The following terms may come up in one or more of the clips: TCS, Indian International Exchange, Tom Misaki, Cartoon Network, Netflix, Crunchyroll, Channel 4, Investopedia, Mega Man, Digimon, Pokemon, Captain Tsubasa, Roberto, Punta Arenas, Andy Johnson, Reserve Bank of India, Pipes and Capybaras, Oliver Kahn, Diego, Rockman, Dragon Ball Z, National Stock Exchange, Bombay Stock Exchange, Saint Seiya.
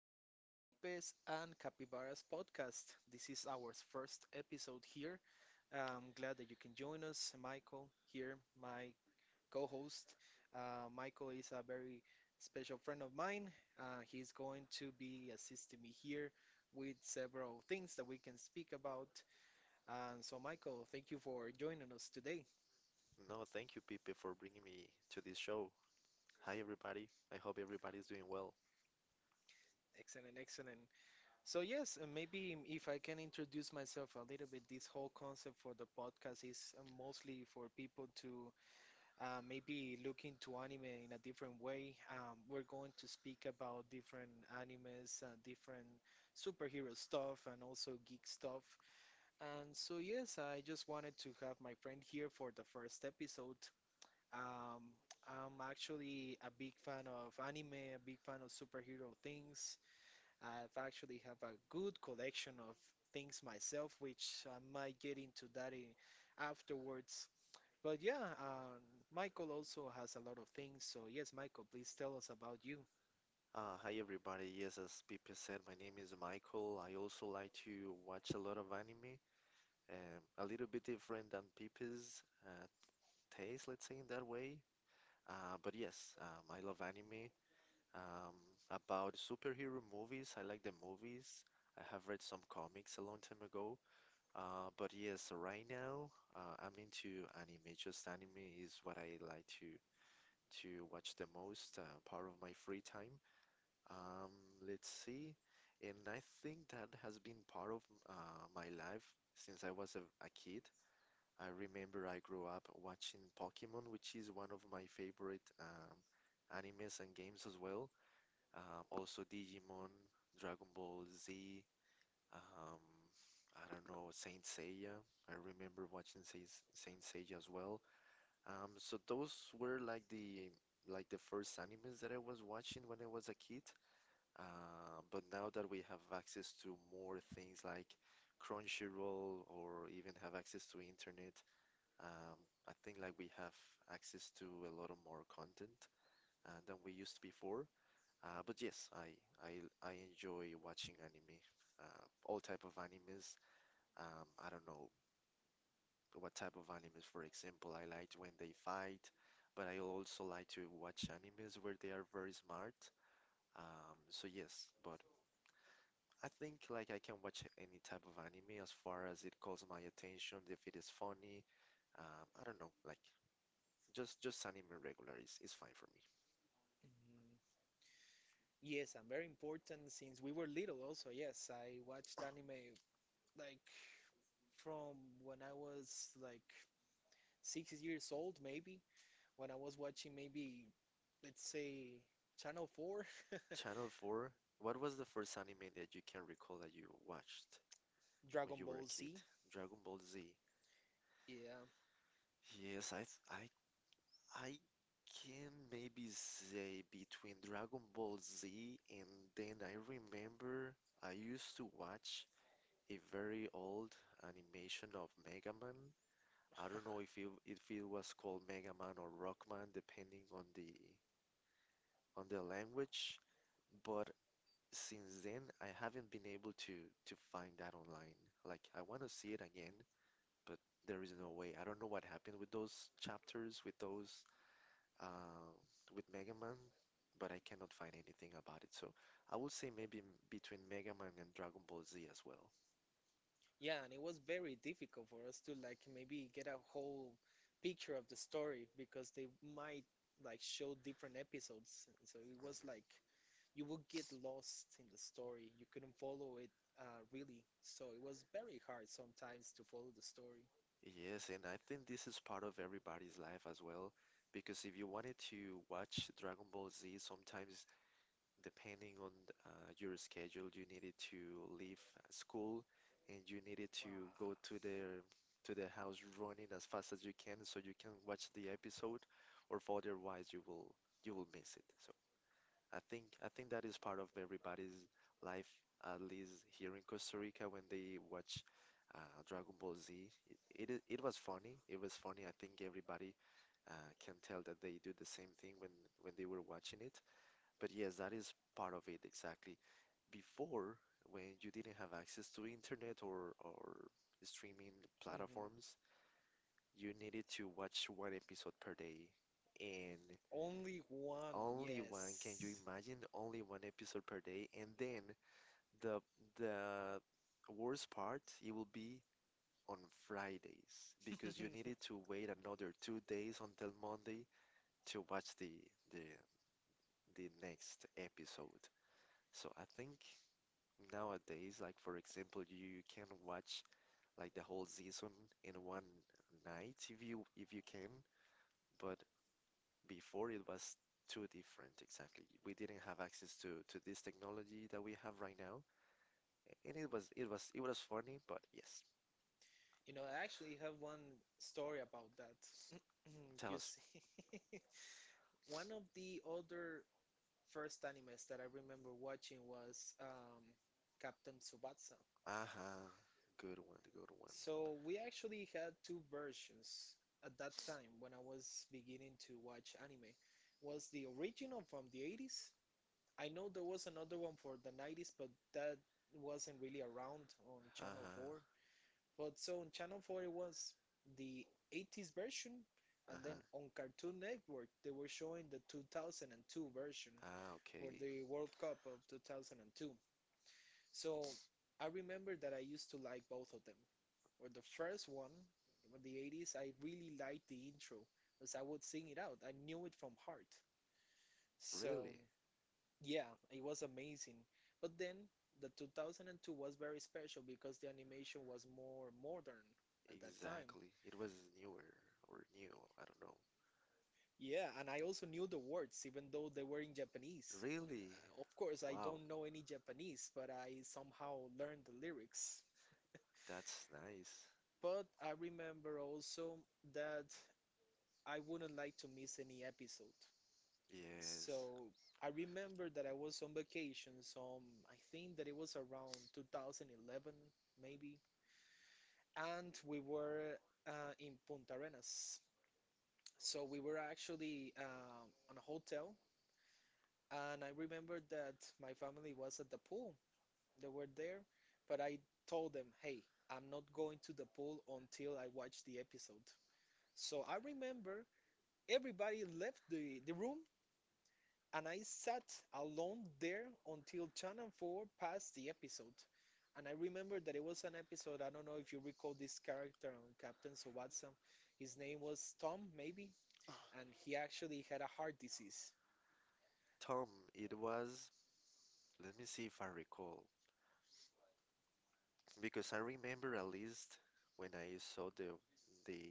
This is Pipes and Capybaras podcast. This is our first episode here. I'm glad that you can join us. Michael here, my co host. Michael is a very special friend of mine. He's going to be assisting me here with several things that we can speak about. And so, Michael, thank you for joining us today. No, thank you, Pipe, for bringing me to this show. Hi, everybody. I hope everybody's doing well. Excellent, excellent. So yes, and maybe if I can introduce myself a little bit, this whole concept for the podcast is mostly for people to maybe look into anime in a different way. We're going to speak about different animes, different superhero stuff, and also geek stuff. And so yes, I just wanted to have my friend here for the first episode. Um, I'm actually a big fan of anime, a big fan of superhero things. I've actually have a good collection of things myself, which I might get into that in, afterwards. But yeah, Michael also has a lot of things. So yes, Michael, please tell us about you. Hi, everybody. Yes, as Pipe said, my name is Michael. I also like to watch a lot of anime, a little bit different than Pipe's taste, let's say in that way. But yes, I love anime. Um, about superhero movies, I like the movies. I have read some comics a long time ago. But yes, right now I'm into anime. Just anime is what I like to watch the most part of my free time. Um, let's see. And I think that has been part of my life since I was a kid. I remember I grew up watching Pokemon, which is one of my favorite animes and games as well. Also Digimon, Dragon Ball Z, um, I don't know, Saint Seiya. I remember watching Saint Seiya as well. So those were like the first animes that I was watching when I was a kid. But now that we have access to more things like Crunchyroll or even have access to internet, um, I think like we have access to a lot of more content than we used before. But yes, I enjoy watching anime, all type of animes. I don't know, what type of animes. For example, I liked when they fight, but I also like to watch animes where they are very smart. So yes, but I think like I can watch any type of anime as far as it calls my attention, if it is funny. I don't know, like just anime regular is fine for me. Mhm. Yes, I'm very important since we were little also. Yes, I watched anime like from when I was like 6 years old, maybe, when I was watching maybe, let's say, Channel 4, Channel 4, what was the first anime that you can recall that you watched when Dragon you were a Ball kid? Z. Dragon Ball Z. Yeah, Yes, I th I can maybe say between Dragon Ball Z and then I remember I used to watch a very old animation of Mega Man. I don't know if it was called Mega Man or Rockman, depending on the language. But since then, I haven't been able to find that online. Like I want to see it again, but there is no way. I don't know what happened with those chapters, with those uh, with Mega Man, but I cannot find anything about it. So I would say maybe between Mega Man and Dragon Ball Z as well. yeah, and it was very difficult for us to like maybe get a whole picture of the story because they might like Mhm. show different episodes. So it was like you would get lost in the story. You couldn't follow it really. So it was very hard sometimes to follow the story. Yes, and I think this is part of everybody's life as well, because if you wanted to watch Dragon Ball Z, sometimes depending on your schedule, you needed to leave school and you needed Wow. to go to the house running as fast as you can so you can watch the episode, or if otherwise you will miss it. So I think that is part of everybody's life, at least here in Costa Rica when they watch Dragon Ball Z. It was funny. It was funny. I think everybody can tell that they do the same thing when they were watching it. But yes, that is part of it exactly. Before, when you didn't have access to internet or streaming Mhm. platforms, you needed to watch one episode per day. And Only one, only one, can you yes. imagine? Only one episode per day. And then the the worst part, it will be on Fridays because you needed to wait another 2 days until Monday to watch the the next episode. So I think nowadays, like for example, you can watch like the whole season in one night if you can, but before it was too different exactly. We didn't have access to this technology that we have right now, and it was funny, but yes, You know, I actually have one story about that. tell You us. see, one of the older first animes that I remember watching was Captain Tsubasa. Uh-huh, good one, good one. So we actually had two versions at that time when I was beginning to watch anime. Was the original from the 80s? I know there was another one for the 90s, but that wasn't really around on Channel Uh-huh, 4. But so on Channel 4 it was the 80s version, and then uh-huh. on Cartoon Network they were showing the 2002 version Ah, for okay. the World Cup of 2002. So I remember that I used to like both of them. Or the first one, in the 80s, I really liked the intro because I would sing it out. I knew it from heart. So Really? yeah, it was amazing. But then the 2002 was very special because the animation was more modern at that time. Exactly. It was newer or new. I don't know. Yeah, and I also knew the words, even though they were in Japanese. Really? Of course, I Wow. don't know any Japanese, but I somehow learned the lyrics. That's nice. But I remember also that I wouldn't like to miss any episode. Yes. So I remember that I was on vacation, so I think that it was around 2011, maybe. And we were in Punta Arenas. So we were actually on a hotel and I remember that my family was at the pool. They were there, but I told them, "Hey, I'm not going to the pool until I watch the episode." So I remember everybody left the room and I sat alone there until Channel 4 passed the episode. And I remember that it was an episode, I don't know if you recall this character on Captain Tsubasa. His name was Tom, maybe, and he actually had a heart disease. Tom, it was. Let me see if I recall, because I remember at least when I saw the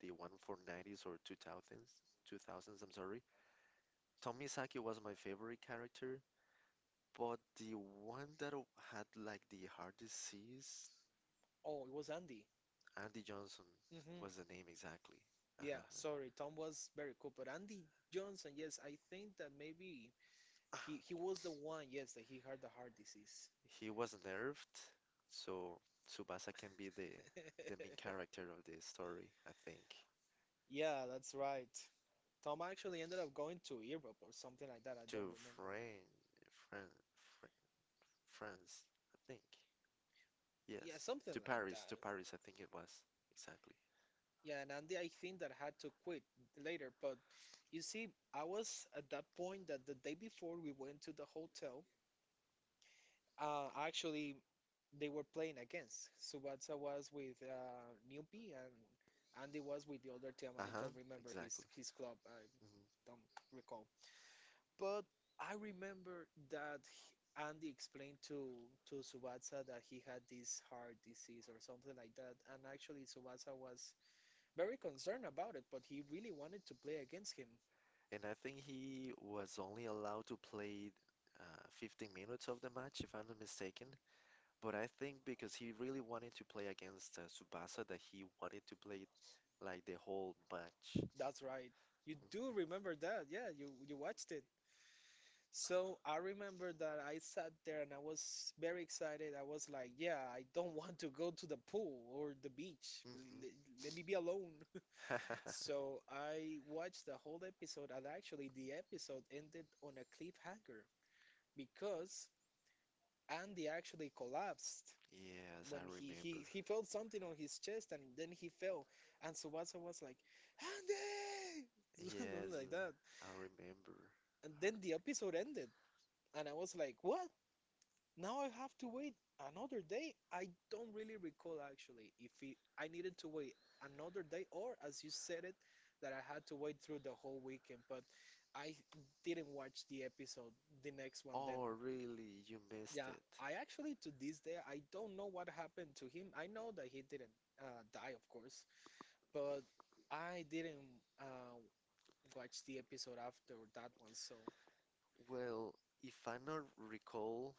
the one for 90s or 2000s, 2000s, I'm sorry. Tom Misaki was my favorite character. But the one that had like the heart disease, Oh, it was Andy. Andy Johnson Hmm. was the name exactly. Uh-huh, Yeah, uh-huh. sorry, Tom was very cool, but Andy Johnson, yes, I think that maybe he was the one, yes, that he had the heart disease. He was nerfed, so Tsubasa can be the main character of the story, I think. Yeah, that's right. Tom actually ended up going to Europe or something like that. I don't To remember. Fran, Fran, Fran, France, I think. Yeah, Yes, something like that. to Paris, I think it was exactly. Yeah, and Andy, I think that had to quit later. But you see, I was at that point that the day before we went to the hotel, I actually they were playing against. Subatsa was with Newbie and Andy was with the other team. I Uh-huh, don't remember his exactly. his club. I Mhm. don't recall. But I remember that Andy explained to Subatsa that he had this heart disease or something like that. And actually, Subatsa was very concerned about it, but he really wanted to play against him. And I think he was only allowed to play 15 minutes of the match, if I'm not mistaken. But I think because he really wanted to play against Tsubasa, that he wanted to play like the whole match. That's right. You do remember that? Yeah, you watched it. So I remember that I sat there and I was very excited. I was like, yeah, I don't want to go to the pool or the beach. Hmm. Let, me be alone. So I watched the whole episode, and actually, the episode ended on a cliffhanger because Andy actually collapsed Yes, when I he, he, remember. he felt something on his chest and then he fell. And Tsubasa was like, Andy! Something Yes, like that. I remember. And then the episode Her. ended. And I was like, what? Now I have to wait another day. I don't really recall actually if it, I needed to wait another day or, as you said it, that I had to wait through the whole weekend. But I didn't watch the episode, the next one then. Oh, really? You missed Yeah, it. I actually to this day I don't know what happened to him. I know that he didn't die, of course, but I didn't watch the episode after that one. So Well, if I not recall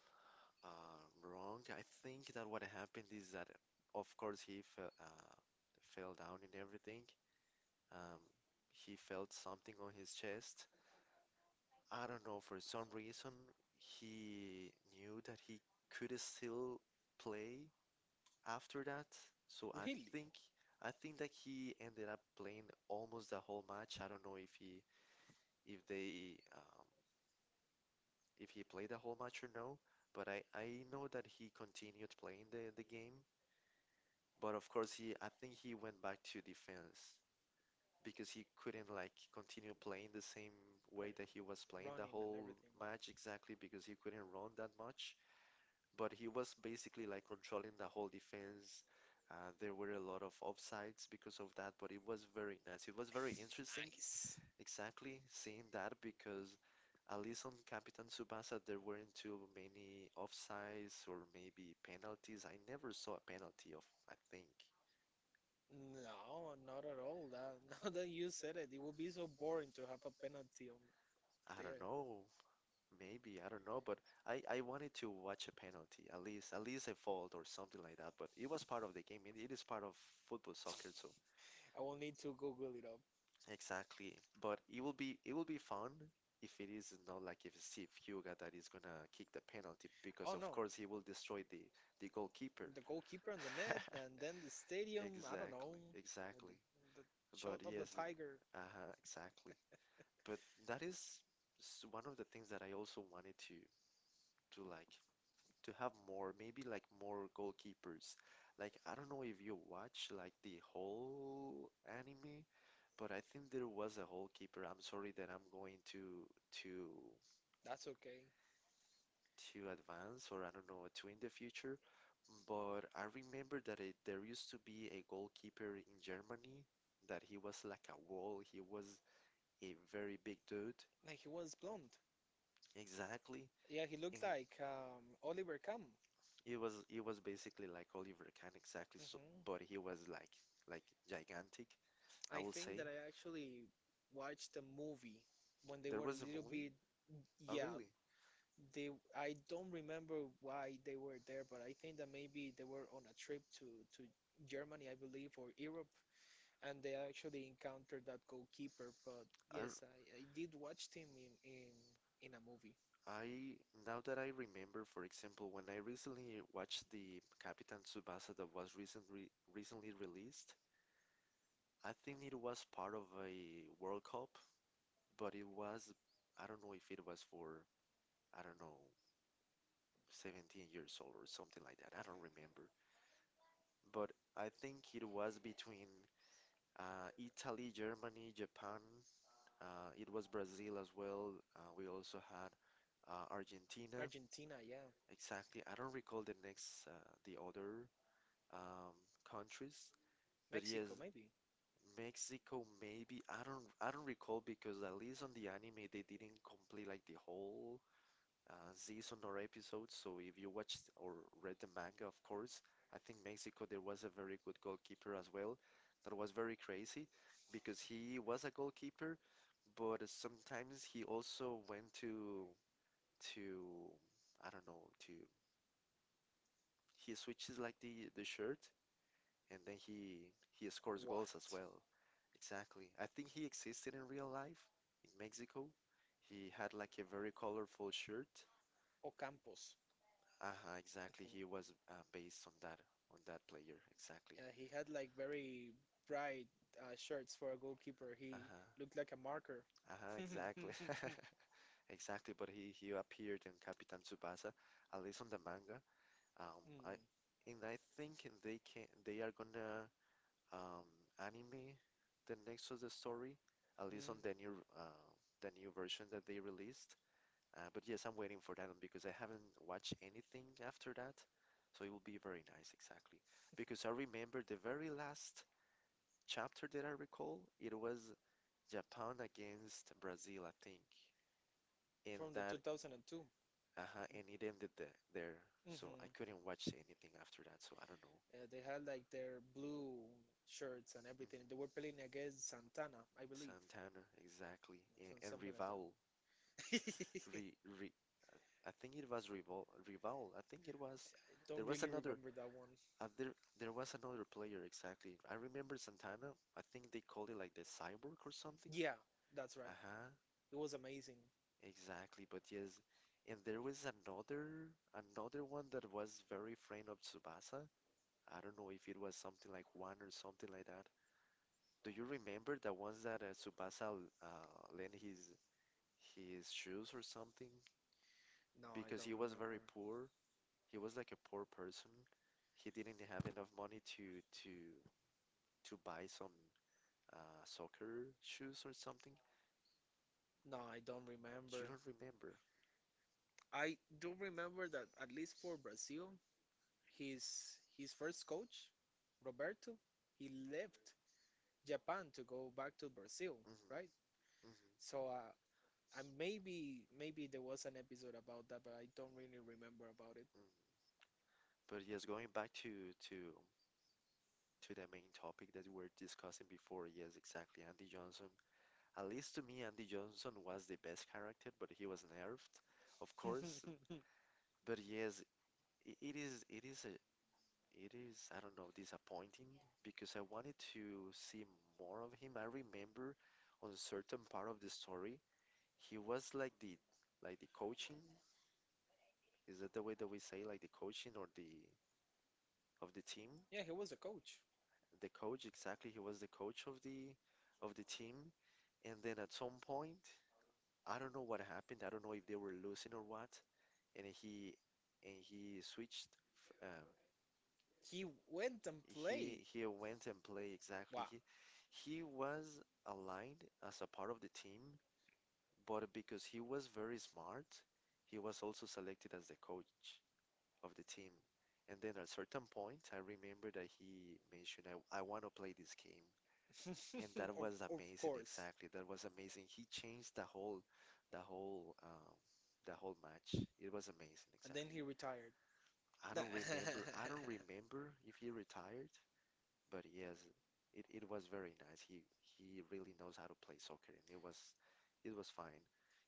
uh, wrong, I think that what happened is that, of course, he fell, fell down and everything. Um, he felt something on his chest. I don't know, for some reason, he knew that he could still play, after that. So I really, think I think that he ended up playing almost the whole match. I don't know if he if they um, if he played the whole match or no, but I know that he continued playing the game. But of course he I think he went back to defense because he couldn't like continue playing the same way like that he was playing the running and whole everything. match exactly because he couldn't run that much. But he was basically like controlling the whole defense. There were a lot of offsides because of that, but it was very nice. It was very interesting, Nice. exactly seeing that because at least on Captain Tsubasa there weren't too many offsides or maybe penalties. I never saw a penalty of, I think, No, not at all. That now that you said it, it would be so boring to have a penalty on I don't there. know, maybe, I don't know, but I wanted to watch a penalty, at least a fault or something like that. But it was part of the game. It is part of football soccer, so I will need to Google it up. exactly. But it will be fun if it is not like if it's Steve Huga that is gonna kick the penalty because Oh of no, course he will destroy the goalkeeper. the goalkeeper on the net, and then the stadium. I don't know Exactly, with the, exactly. the shot But of the yes, tiger. Exactly. But that is one of the things that I also wanted to like to have more, maybe like more goalkeepers. Like I don't know if you watch like the whole anime, but I think there was a goalkeeper. I'm sorry that I'm going to That's okay. to advance or I don't know to in the future, but I remember that there used to be a goalkeeper in Germany that he was like a wall. He was a very big dude. Like he was blonde. Exactly. Yeah, he looked And like Oliver Kahn. it was it was basically like Oliver Kahn exactly, so, hmm but he was like like gigantic, I I will think say. that I actually watched the movie when they There were was a a little movie? bit. Oh, Yeah, really? they. I don't remember why they were there, but I think that maybe they were on a trip to to Germany, I believe, or Europe, and they actually encountered that goalkeeper. But I r- yes, I did watch him in a movie. I Now that I remember, for example, when I recently watched the Capitan Tsubasa that was recently released, I think it was part of a World Cup, but it was I don't know if it was for I don't know 17 years old or something like that. I don't remember. But I think it was between Italy, Germany, Japan. It was Brazil as well. We also had Argentina. Argentina, yeah, Exactly. I don't recall the next, the other um, countries, but yes, Mexico, maybe. Mexico maybe. I don't recall because at least on the anime they didn't complete like the whole season or episodes. So if you watched or read the manga, of course, I think Mexico there was a very good goalkeeper as well. That was very crazy because he was a goalkeeper, but sometimes he also went to I don't know to he switches like the shirt and then he scores What? goals as well. Exactly. I think he existed in real life in Mexico. He had like a very colorful shirt. Ocampos. Uh-huh, exactly. Mhm. He was based on that player. Exactly. He had like very bright shirts for a goalkeeper. He Uh-huh, looked like a marker. uh-huh, exactly. Exactly, but he appeared in Captain Tsubasa, at least on the manga. Um, I Mm. I think they are gonna um anime the next of the story, at least Mm. on the new version that they released. But yes, I'm waiting for that one because I haven't watched anything after that. So it will be very nice, exactly. Because I remember the very last chapter that I recall, it was Japan against Brazil, I think. And From the that, 2002. uh huh, and it ended the, there. Mm-hmm. So I Yeah, couldn't watch anything after that, so I don't know. they had like their blue shirts and Mhm. everything. They were playing against Santana, I believe. Santana, exactly. And, and Something like Rival, that. I re, re, I think it was Rival, Rival. I think it was, there don't was really another remember that one. Uh, there, there was another player, exactly. I remember Santana. I think they called it like the cyborg or something. Yeah, that's right. Uh-huh, It was amazing. exactly. But yes, and there was another one that was very friend of Tsubasa. I don't know if it was something like one or something like that. Do you remember the ones that Tsubasa lent his shoes or something? No, I Because don't he was very remember. poor. He was like a poor person. He didn't have enough money to buy some soccer shoes or something? No, I don't You remember. don't remember. I do remember that at least for Brazil, his first coach, Roberto, he left Japan to go back to Brazil, Hmm right? hmm So I maybe there was an episode about that, but I don't really remember about it. hmm But yes, going back to the main topic that we were discussing before, yes, exactly. Andy Johnson, at least to me, Andy Johnson was the best character, but he was nerfed, of course. But yes, I it is a it is I don't know, disappointing because I wanted to see more of him. I remember on certain part of the story he was like the coaching. Is that the way that we say, like the coaching or the of the team? Yeah, he was a coach. The coach, exactly. He was the coach of the team. And then at some point, I don't know what happened. I don't know if they were losing or what. And he and he switched. He went and He played. went and played, exactly. Wow. He was aligned as a part of the team, but because he was very smart, he was also selected as the coach of the team. And then at a certain point, I remember that he mentioned, I want to play this game. And that Of, was of amazing, course. exactly. That was amazing. He changed the whole, the whole, the whole match. It was amazing, And then exactly. he retired. I don't remember. I don't remember if he retired, but yes, it was very nice. He really knows how to play soccer, and it was fine.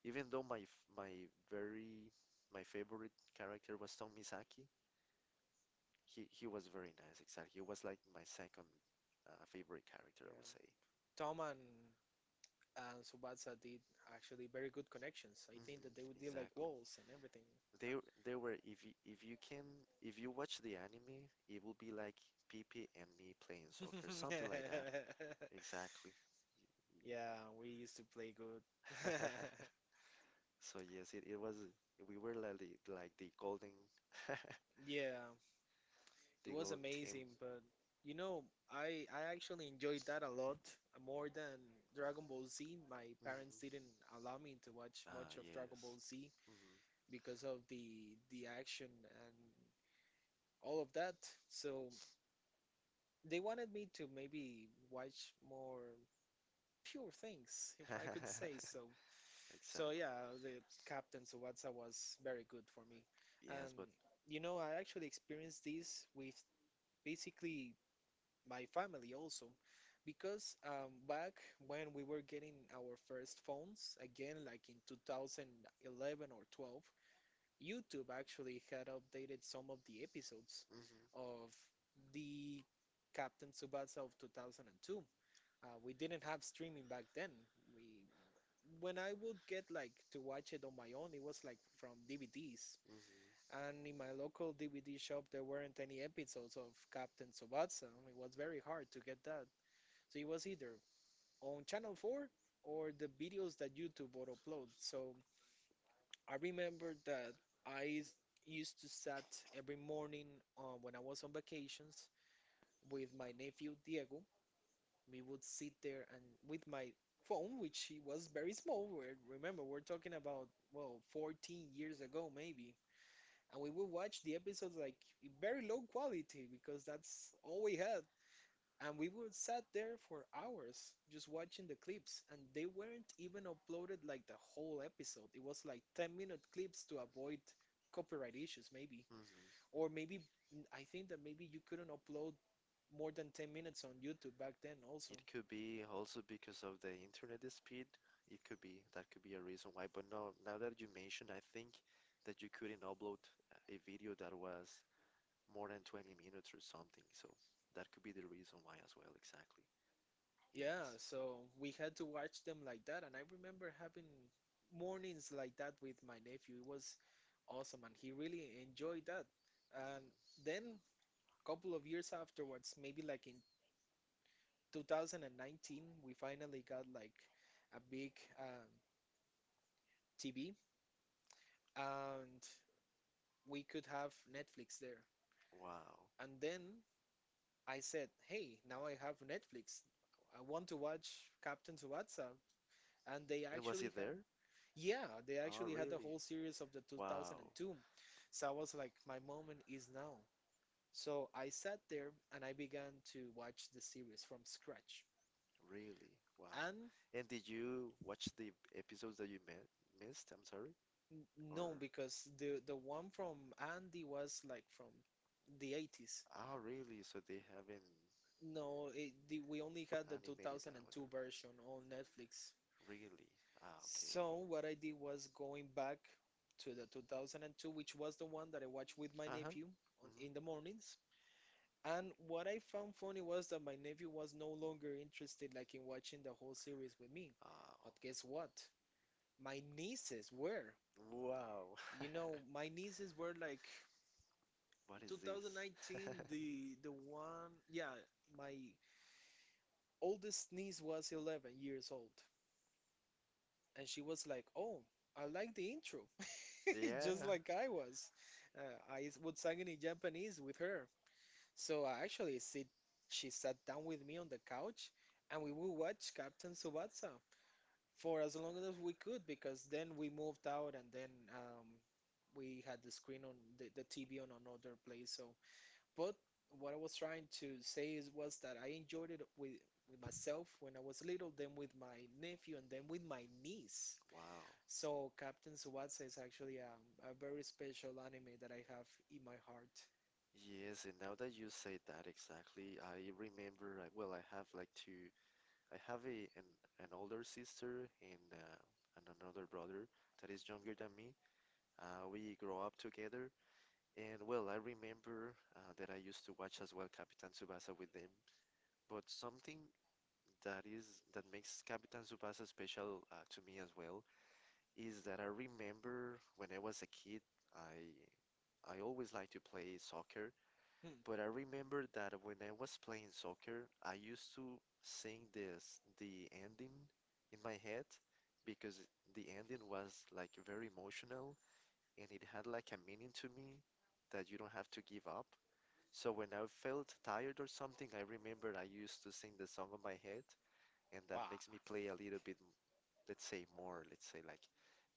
Even though my f- my very my favorite character was Tom Misaki, he was very nice, exactly. He was like my second favorite character, I Yeah. would say. Tom and Subatsa did actually very good connections. I think Hmm, that they would deal like exactly. walls and everything. They they were, if you can if you watch the anime, it will be like Pippi and me playing soccer, Yeah. something like that. Exactly. Yeah, we used to play good. So yes, it was we were like the golden Yeah, it the was golden team. amazing, but you know, I actually enjoyed that a lot more than Dragon Ball Z. My parents Mhm. didn't allow me to watch Ah, much of Dragon Ball yes. Z Mhm. because of the action and all of that. So they wanted me to maybe watch more pure things, if I could say so. So Exactly. yeah, the Captain Tsubasa was very good for me. Yes, And but you know, I actually experienced this with basically my family also because back when we were getting our first phones again like in 2011 or 12, YouTube actually had updated some of the episodes mhm, mhm, of the Captain Tsubasa of 2002. We didn't have streaming back then, we when I would get like to watch it on my own, it was like from DVDs. mhm. And in my local DVD shop, there weren't any episodes of Captain Tsubasa. It was very hard to get that. So it was either on Channel 4 or the videos that YouTube would upload. So I remember that I s- used to sat every morning when I was on vacations with my nephew Diego. We would sit there and with my phone, which he was very small. Remember, we're talking about, well, 14 years ago, maybe. And we would watch the episodes like in very low quality because that's all we had. And we would sat there for hours just watching the clips, and they weren't even uploaded like the whole episode. It was like 10-minute clips to avoid copyright issues, maybe. Or maybe, I think that maybe you couldn't upload more than 10 minutes on YouTube back then, also. It could be also because of the internet speed. It could be that could be a reason why. But no, now that you mention, I think that you couldn't upload a video that was more than 20 minutes or something. So that could be the reason why as well. Exactly. Yeah, Yes. so we had to watch them like that. And I remember having mornings like that with my nephew. It was awesome, and he really enjoyed that. And Mhm. then couple of years afterwards, maybe like in 2019, we finally got like a big um, TV and we could have Netflix there. Wow. And then I said, hey, now I have Netflix. I want to watch Captain Tsubasa. And they And was he actually had, there? yeah, they Oh, actually had the really? whole series of the Wow. 2002. So I was like, my moment is now. So I sat there and I began to watch the series from scratch. Really? Wow. And And did you watch the episodes that you mi missed? I'm sorry. N- Or no, because the one from Andy was like from the 80s. Oh, really? So they haven't No, we only had the animated that 2002 one. version on Netflix. Really? Ah, okay. So what I did was going back to the 2002, which was the one that I watched with my Uh-huh. nephew Hmm. in the mornings. And what I found funny was that my nephew was no longer interested like in watching the whole series with me. But Oh, guess what? My nieces were. wow. You know, my nieces were like What is this? 2019, the one, yeah, my oldest niece was 11 years old, and she was like, "Oh, I like the intro," just Yeah. like I was. I would sing it in Japanese with her. So I actually sit, she sat down with me on the couch, and we would watch Captain Tsubasa for as long as we could, because then we moved out, and then um, we had the screen on the TV on another place, so. But what I was trying to say is was that I enjoyed it with myself when I was little, then with my nephew, and then with my niece. Wow. So Captain Tsubasa is actually a very special anime that I have in my heart. Yes, and now that you say that exactly, I remember. I, well, I have like two. I have an older sister and another brother that is younger than me. We grow up together, and well, I remember that I used to watch as well Captain Tsubasa with them. But something that is that makes Captain Tsubasa special to me as well is that I remember when I was a kid, I I always liked to play soccer. Hmm. But I remember that when I was playing soccer, I used to sing this, the ending in my head because the ending was like very emotional and it had like a meaning to me that you don't have to give up. So when I felt tired or something, I remember I used to sing the song on my head, and that Wow. makes me play a little bit, let's say more, let's say like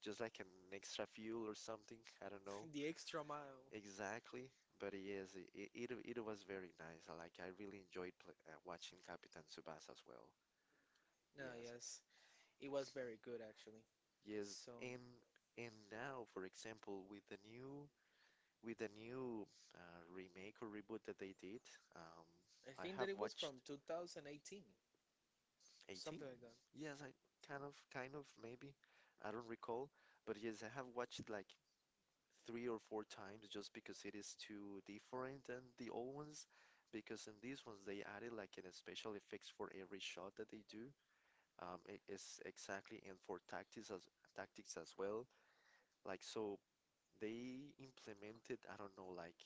just like an extra fuel or something, I don't know. The extra mile. Exactly, but yes, it was very nice. I really enjoyed pl watching Captain Tsubasa as well. No, Yes, yes. It was very good actually. yes, So and and now, for example, with the new remake or reboot that they did, um, I I think have that it was watched from 2018, 18. something like that. Yes, I kind of maybe, I don't recall, but yes, I have watched like three or four times just because it is too different than the old ones. Because in these ones, they added like an special effects for every shot that they do. It is exactly and for tactics as well. Like so, they implemented I don't know like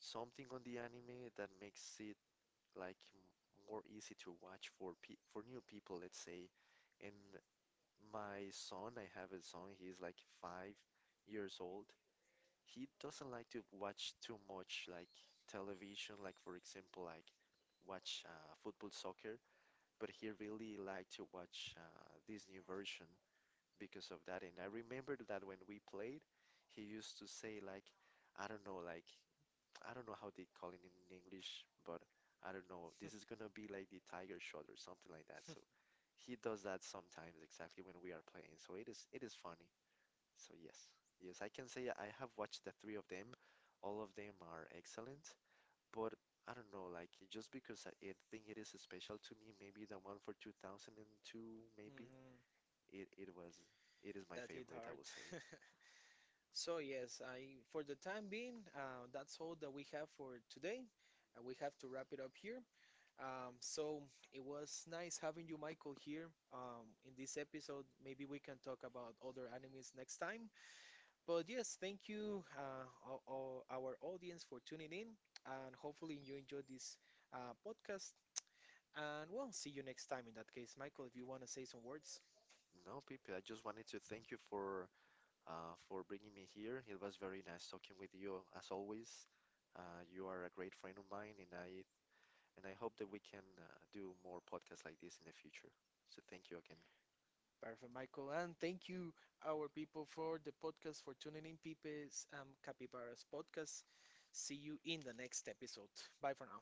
something on the anime that makes it like more easy to watch for pe for new people, let's say. And my son, I have a son. He's like 5 years old, he doesn't like to watch too much like television, like for example, like watch football, soccer, but he really liked to watch this new version because of that. And I remember that when we played, he used to say like, I don't know, like I don't know how they call it in English, but I don't know, this is gonna be like the tiger shot or something like that. So he does that sometimes, exactly, when we are playing. So it is funny. So yes, yes, I can say I have watched the three of them. All of them are excellent, but I don't know, like just because I think it is special to me, maybe the one for 2002, maybe Hmm. it was it is my That hit favorite, I hard. would say. So yes, I for the time being, that's all that we have for today. We have to wrap it up here. So it was nice having you, Michael, here in this episode. Maybe we can talk about other animes next time. But yes, thank you, our audience, for tuning in, and hopefully you enjoyed this podcast. And we'll see you next time in that case, Michael, if you want to say some words. No, Pepe, I just wanted to thank you for bringing me here. It was very nice talking with you as always. You are a great friend of mine, and I hope that we can do more podcasts like this in the future. So thank you again. Perfect, Michael. And thank you, our people, for the podcast, for tuning in, Pepe's Capybara's podcast. See you in the next episode. Bye for now.